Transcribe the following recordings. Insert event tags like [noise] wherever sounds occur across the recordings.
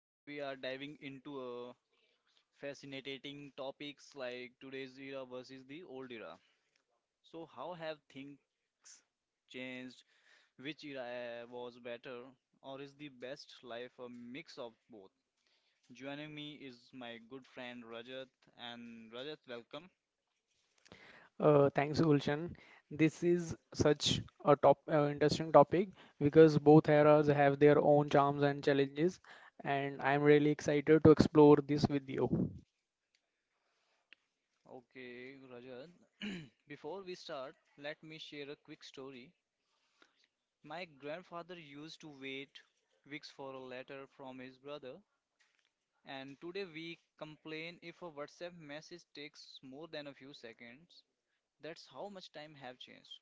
today we are diving into a fascinating topics like today's era versus the old era. So how have things changed? Which era was better or is the best life a mix of both? Joining me is my good friend Rajat and Rajat welcome. Thanks, Gulshan. This is such a top interesting topic because both eras have their own charms and challenges, and I'm really excited to explore this with you. Okay, Rajat. [clears throat] Before we start, let me share a quick story. My grandfather used to wait weeks for a letter from his brother, and today we complain if a WhatsApp message takes more than a few seconds. That's how much time have changed.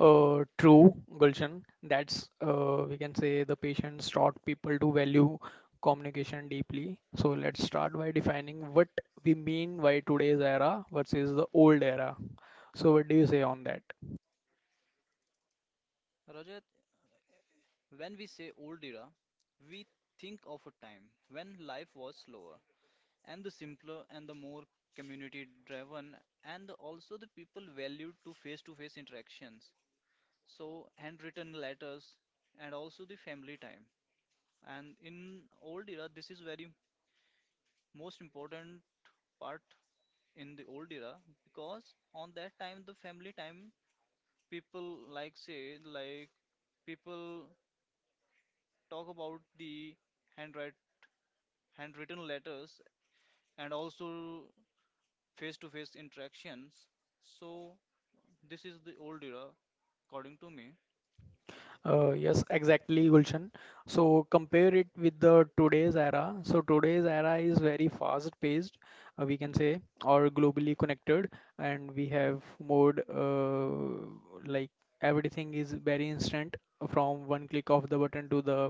True, Gulshan. That's We can say the patients taught people to value communication deeply. So let's start by defining what we mean by today's era versus the old era. So what do you say on that? Rajat, when we say old era, we think of a time when life was slower and the simpler and the more community driven and also the people valued to face interactions. So handwritten letters and also the family time and in old era this is very most important part in the old era because on that time the family time people like say like people talk about the handwrite handwritten letters and also face to face interactions, so this is the old era according to me. Yes, exactly, Gulshan. So compare it with the today's era. So today's era is very fast-paced, we can say, or globally connected, and we have more, like, everything is very instant, from one click of the button to the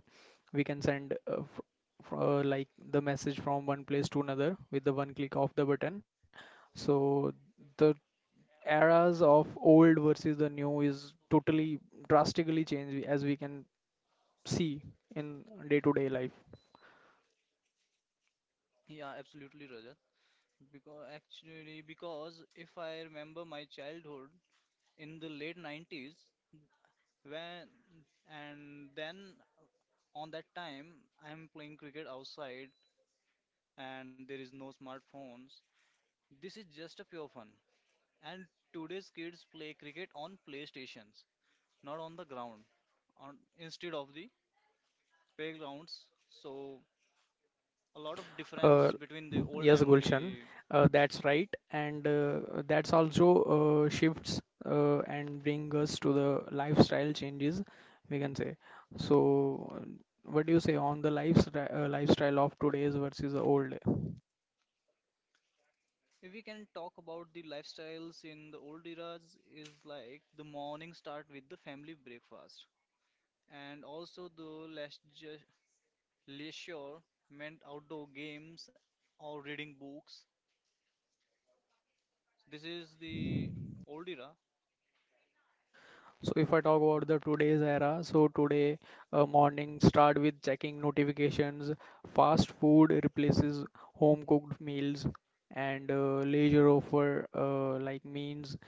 we can send like the message from one place to another with the one click of the button. So the eras of old versus the new is totally drastically changed as we can see in day-to-day life. Yeah, absolutely, Rajat, because actually, because if I remember my childhood in the late 90s, when and then on that time I'm playing cricket outside and there is no smartphones. This is just a pure fun, and today's kids play cricket on PlayStations, not on the ground, on instead of the playgrounds. So a lot of Uh, difference between the old yes, and Gulshan, the. That's right, and that's also shifts and bring us to the lifestyle changes, we can say. So, what do you say on the lifestyle of today's versus the old? If we can talk about the lifestyles in the old eras is like the morning start with the family breakfast and also the let's just leisure meant outdoor games or reading books. This is the old era. So if I talk about the today's era, so today, morning start with checking notifications. Fast food replaces home cooked meals, and leisure offer, like means,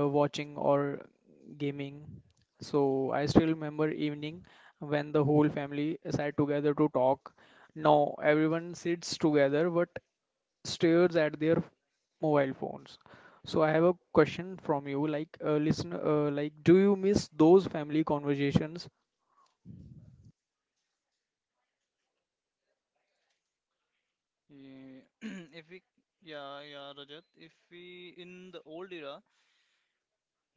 watching or gaming. So I still remember evening when the whole family sat together to talk. Now everyone sits together, but stares at their mobile phones. So I have a question from you, like, listen, like, do you miss those family conversations? Yeah, [clears throat] if we, yeah, yeah, Rajat, if we in the old era,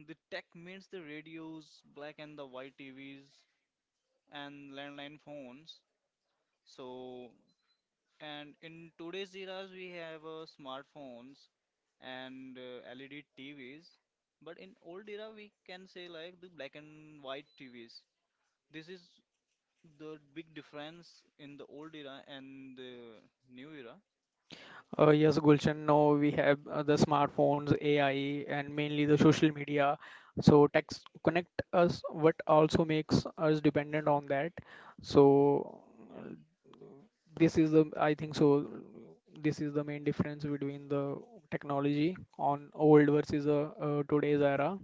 the tech means the radios, black and the white TVs, and landline phones. So, and in today's eras, we have smartphones and LED TVs. But in old era, we can say like the black and white TVs. This is the big difference in the old era and the new era. Yes, Gulshan. No, we have, the smartphones, AI, and mainly the social media. So text connect us, but also makes us dependent on that. So, uh, this is the, I think so. This is the main difference between the technology on old versus today's era.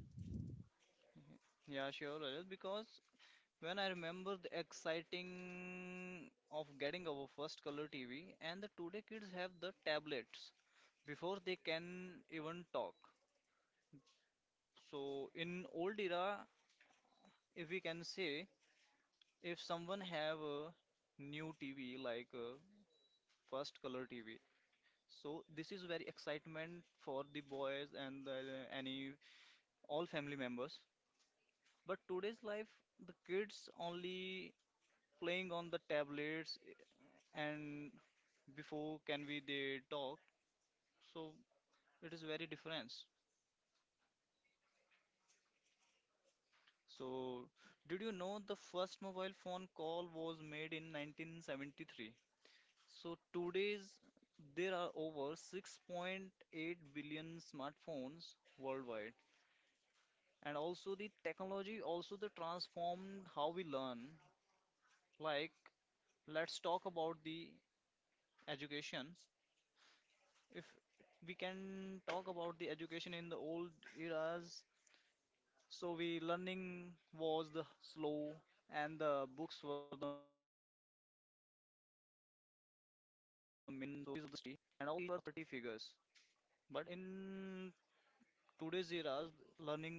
Yeah, sure, Rajat, because when I remember the exciting of getting our first color TV, and the today kids have the tablets before they can even talk. So in old era, if we can say, if someone have a new TV like a first color TV, so this is very excitement for the boys and the, any all family members. But today's life, the kids only playing on the tablets and before can we they talk, so it is very difference. So, did you know the first mobile phone call was made in 1973? So today's there are over 6.8 billion smartphones worldwide, and also the technology also the transformed how we learn. Like, let's talk about the education. If we can talk about the education in the old eras, so we learning was the slow and the books were the minimum figures, but in today's eras learning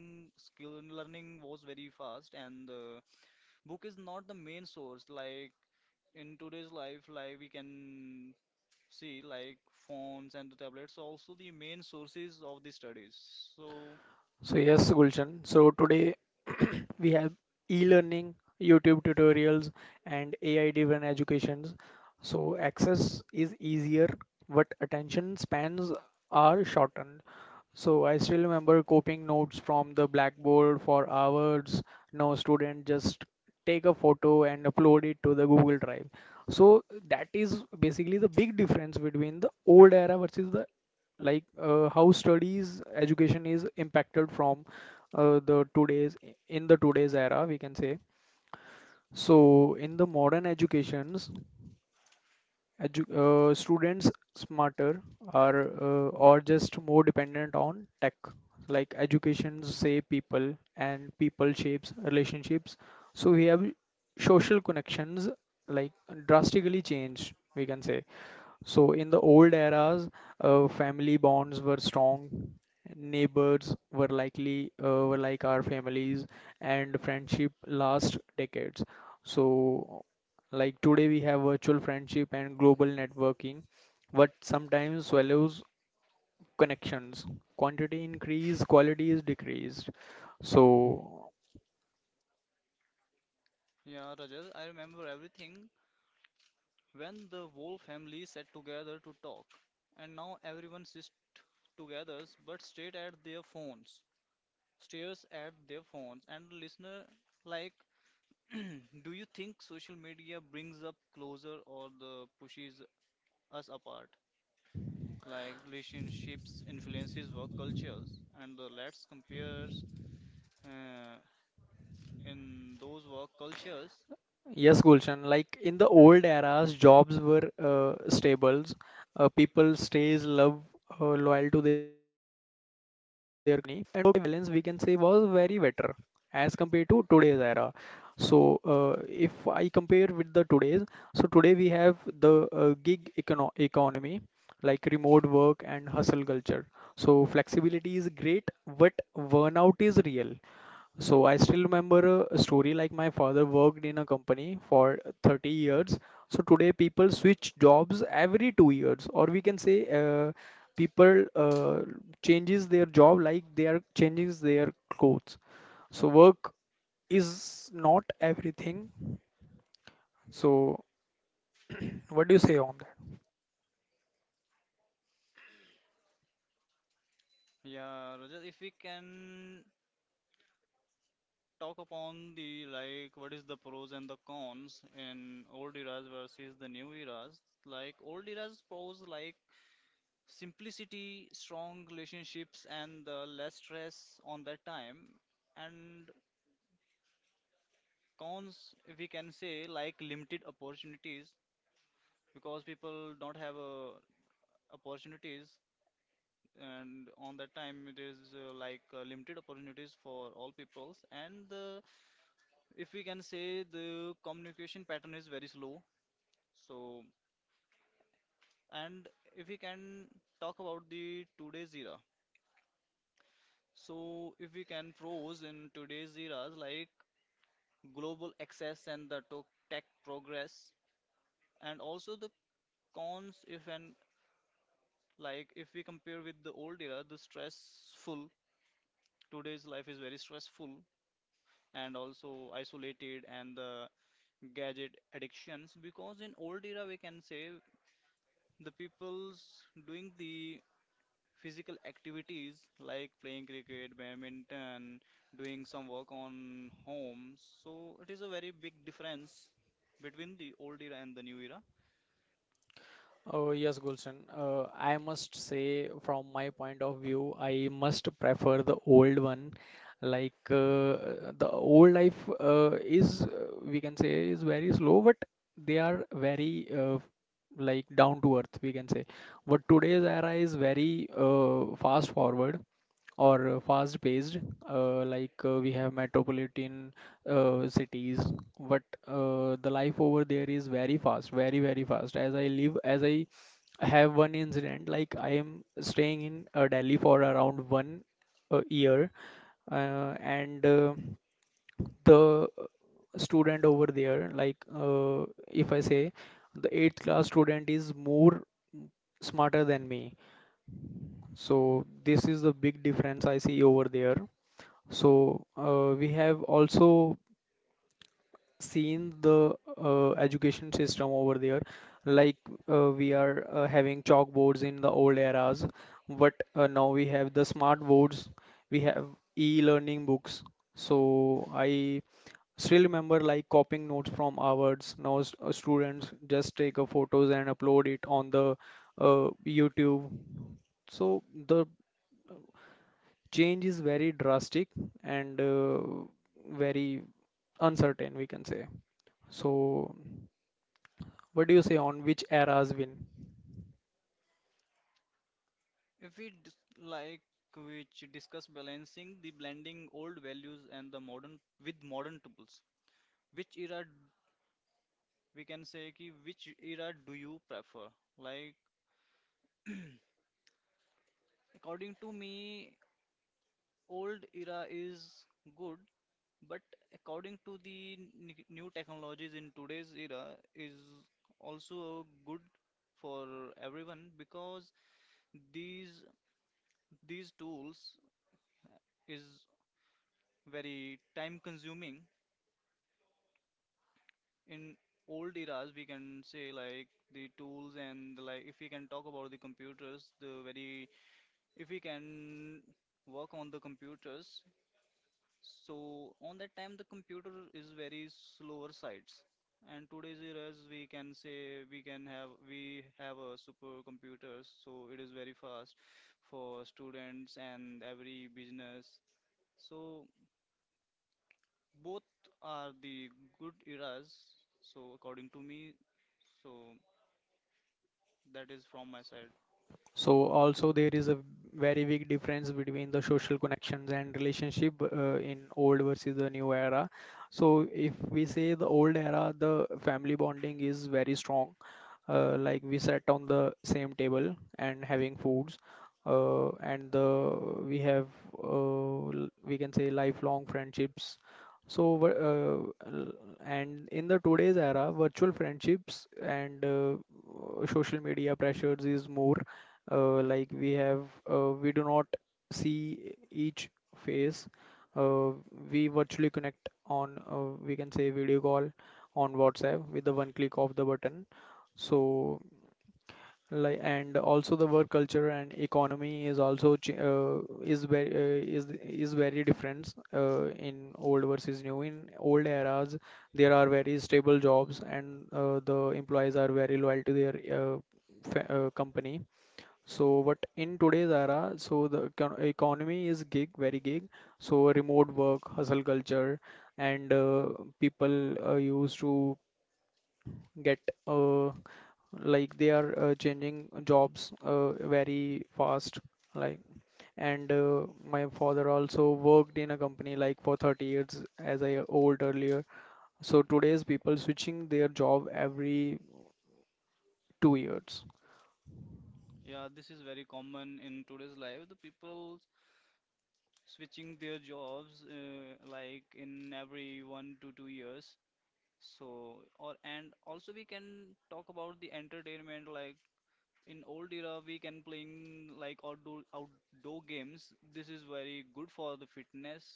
skill learning was very fast and the book is not the main source, like in today's life, like we can see like phones and the tablets also the main sources of the studies. So So yes, Gulshan. So today [clears throat] we have e-learning, YouTube tutorials, and AI-driven educations. So access is easier, but attention spans are shortened. So I still remember copying notes from the blackboard for hours. Now student just take a photo and upload it to the Google Drive. So that is basically the big difference between the old era versus the, how studies education is impacted from, the today's in the today's era we can say. So in the modern educations, edu students smarter are, or just more dependent on tech, like educations say people, and people shapes relationships. So we have social connections, like, drastically changed, we can say. So in the old eras, family bonds were strong. Neighbors were like our families, and friendship last decades. So like today, we have virtual friendship and global networking, but sometimes swallows connections. Quantity increase, quality is decreased. So yeah, Rajat, I remember everything. When the whole family sat together to talk, and now everyone sits together but stares at their phones, stares at their phones, and listener like, [clears throat] do you think social media brings up closer or the pushes us apart? Like relationships influences work cultures, and the let's compare uh, in those work cultures. yes, Gulshan, like in the old eras, jobs were, stables. People stays love loyal to their guidance, we can say, was very better as compared to today's era. So, uh, if I compare with the today's, so today we have the, gig economy, like remote work and hustle culture. So flexibility is great, but burnout is real. So I still remember a story, like my father worked in a company for 30 years. So today people switch jobs every 2 years, or we can say, people, changes their job like they are changes their clothes. So work is not everything. So, [clears throat] what do you say on that? Yeah, Rajat, if we can talk upon the like what is the pros and the cons in old eras versus the new eras. Like old eras pros like simplicity, strong relationships, and the less stress on that time. And cons, if we can say, like limited opportunities because people don't have opportunities. And on that time, it is limited opportunities for all peoples. And the if we can say the communication pattern is very slow. So, and if we can talk about the today's era, so if we can pros in today's eras like global access and the tech progress, and also the cons if and like if we compare with the old era, the stressful today's life is very stressful and also isolated and the gadget addictions because in old era we can say the people's doing the physical activities like playing cricket, badminton, doing some work on home. So it is a very big difference between the old era and the new era. Oh, yes, Gulshan. I must say, from my point of view, I must prefer the old one. Like, the old life, is, we can say, is very slow, but they are very, like, down to earth, we can say. But today's era is very, fast forward, or fast-paced, like, we have metropolitan, cities, but the life over there is very fast, very, very fast. As I have one incident, like I am staying in, Delhi for around one, year, and the student over there, like, if I say the eighth class student is more smarter than me. So this is the big difference I see over there. So we have also seen the, education system over there. Like, we are, having chalkboards in the old eras, but now we have the smart boards. We have e-learning books. So I still remember like copying notes from ours. Now students just take a photos and upload it on the, YouTube. So the change is very drastic and, very uncertain, we can say. So what do you say on which eras win? If we dis, like which discuss balancing the blending old values and the modern with modern tools. Which era we can say ki which era do you prefer? Like according to me, old era is good. But according to the new technologies in today's era is also good for everyone because these these tools is very time consuming. In old eras, we can say like the tools and like if we can talk about the computers, the very if we can work on the computers, so on that time, the computer is very slower sides. And today's eras, we can say we have a super computers, so it is very fast for students and every business. So both are the good eras. So according to me, so that is from my side. So also there is a very big difference between the social connections and relationship, in old versus the new era. So if we say the old era, the family bonding is very strong, like we sat on the same table and having foods, and the we have, uh, we can say, lifelong friendships. So, uh, and in the today's era, virtual friendships and, social media pressures is more, like we do not see each face, uh, we virtually connect on, we can say, video call on WhatsApp with the one click of the button. So like, and also the work culture and economy is also, is very, is very different, in old versus new. In old eras there are very stable jobs and, the employees are very loyal to their, company. So but in today's era, so the economy is gig, very gig. So remote work, hustle culture, and, people, used to get, uh, like they are, changing jobs, very fast. Like, and, my father also worked in a company like for 30 years, as I told earlier. So today's people switching their job every 2 years. Yeah, this is very common in today's life. The people switching their jobs like in every 1 to 2 years. So, or and also we can talk about the entertainment. Like in old era, we can playing like outdoor games. This is very good for the fitness,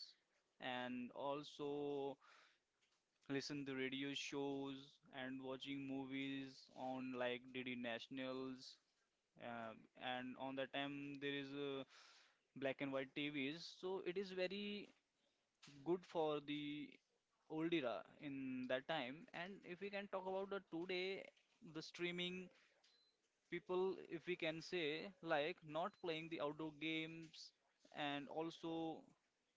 and also listen to radio shows and watching movies on like DD Nationals. And on that time there is black and white TVs, so it is very good for the old era in that time. And if we can talk about the today, the streaming people, if we can say, like not playing the outdoor games and also,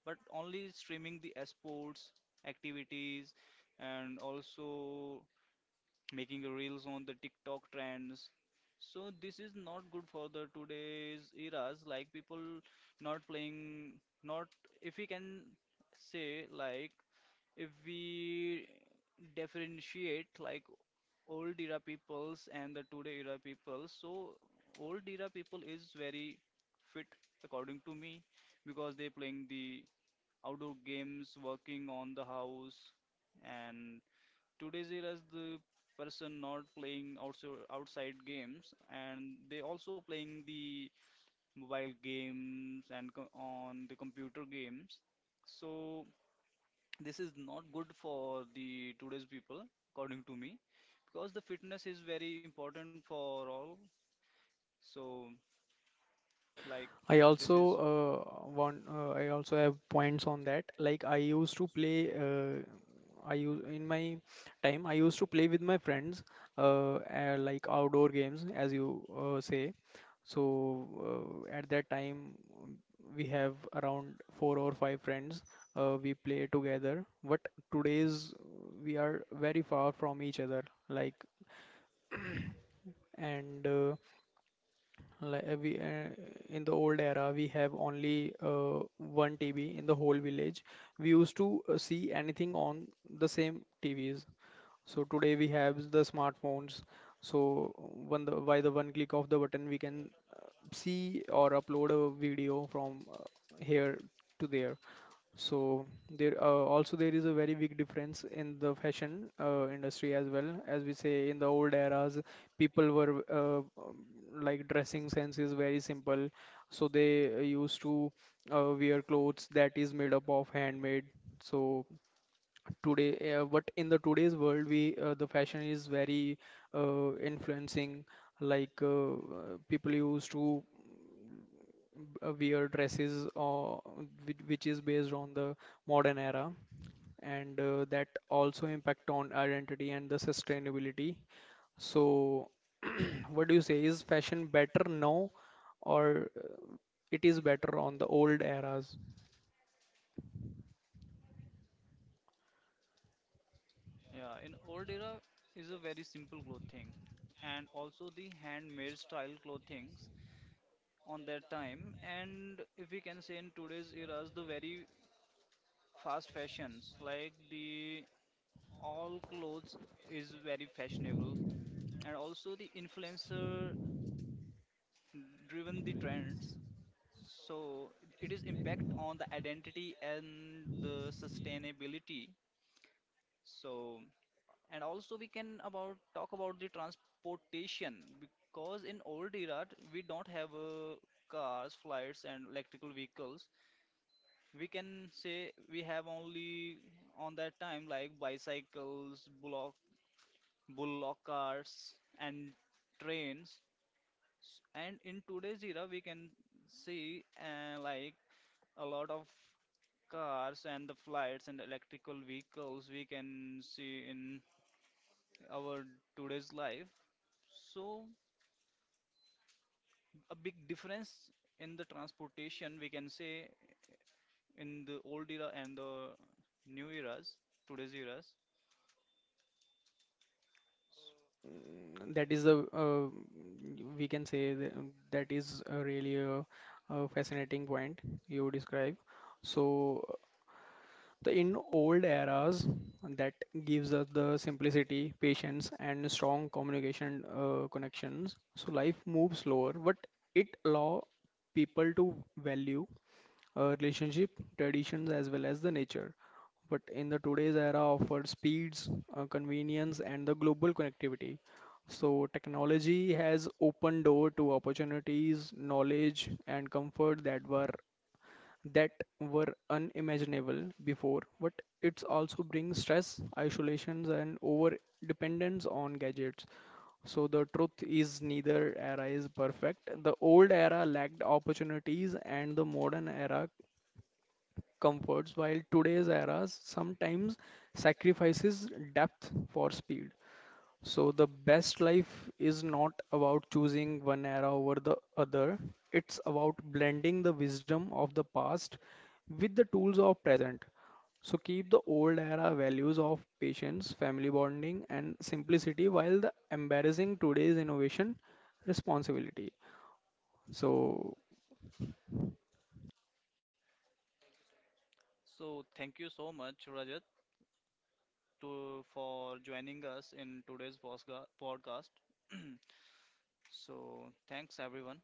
but only streaming the sports activities and also making reels on the TikTok trends. So this is not good for the today's eras, like people not playing, not if we can say like if we differentiate like old era peoples and the today era people, so old era people is very fit according to me because they playing the outdoor games, working on the house, and today's era is the person not playing outside games and they also playing the mobile games and on the computer games. So this is not good for the today's people according to me because the fitness is very important for all. So like i this also is uh, want uh, i also have points on that, like I use in my time, I used to play with my friends, like outdoor games, as you, say. So, at that time we have around four or five friends. We play together, but today's, we are very far from each other. Like, and, like we in the old era we have only, one TV in the whole village. We used to, see anything on the same TVs. So today we have the smartphones. So by the one click of the button we can see or upload a video from, here to there. So there, also there is a very big difference in the fashion, industry as well. As we say in the old eras, people were, like, dressing sense is very simple. So they, used to, wear clothes that is made up of handmade. So today, but in the today's world, we the fashion is very, influencing. Like uh, uh, People used to, wear dresses, which is based on the modern era, and, that also impact on identity and the sustainability. So, [clears throat] what do you say? Is fashion better now, or it is better on the old eras? yeah in old era is a very simple clothing and also the handmade style clothings on that time and if we can say in today's eras the very fast fashions like the all clothes is very fashionable and also the influencer driven the trends. So it is impact on the identity and the sustainability. So and also we can about talk about the transportation because in old era we don't have cars, flights and electrical vehicles. We can say we have only on that time like bicycles, bullock carts and trains. And in today's era we can see like a lot of cars and the flights and electrical vehicles we can see in our today's life. So a big difference in the transportation we can say in the old era and the new eras, today's eras. That is a, we can say, that is a really, a fascinating point you describe. So The in old eras, that gives us the simplicity, patience, and strong communication, connections. So life moves slower, but it allow people to value, relationship, traditions, as well as the nature. But in the today's era, offers speeds, convenience, and the global connectivity. So technology has opened door to opportunities, knowledge, and comfort that were unimaginable before, but it also brings stress, isolations, and over dependence on gadgets. So the truth is neither era is perfect. The old era lacked opportunities and the modern era comforts, while today's era sometimes sacrifices depth for speed. So the best life is not about choosing one era over the other. It's about blending the wisdom of the past with the tools of present. So keep the old era values of patience, family bonding, and simplicity, while the embarrassing today's innovation responsibility. So So thank you so much, Rajat, to for joining us in today's podcast. [clears throat] So thanks everyone.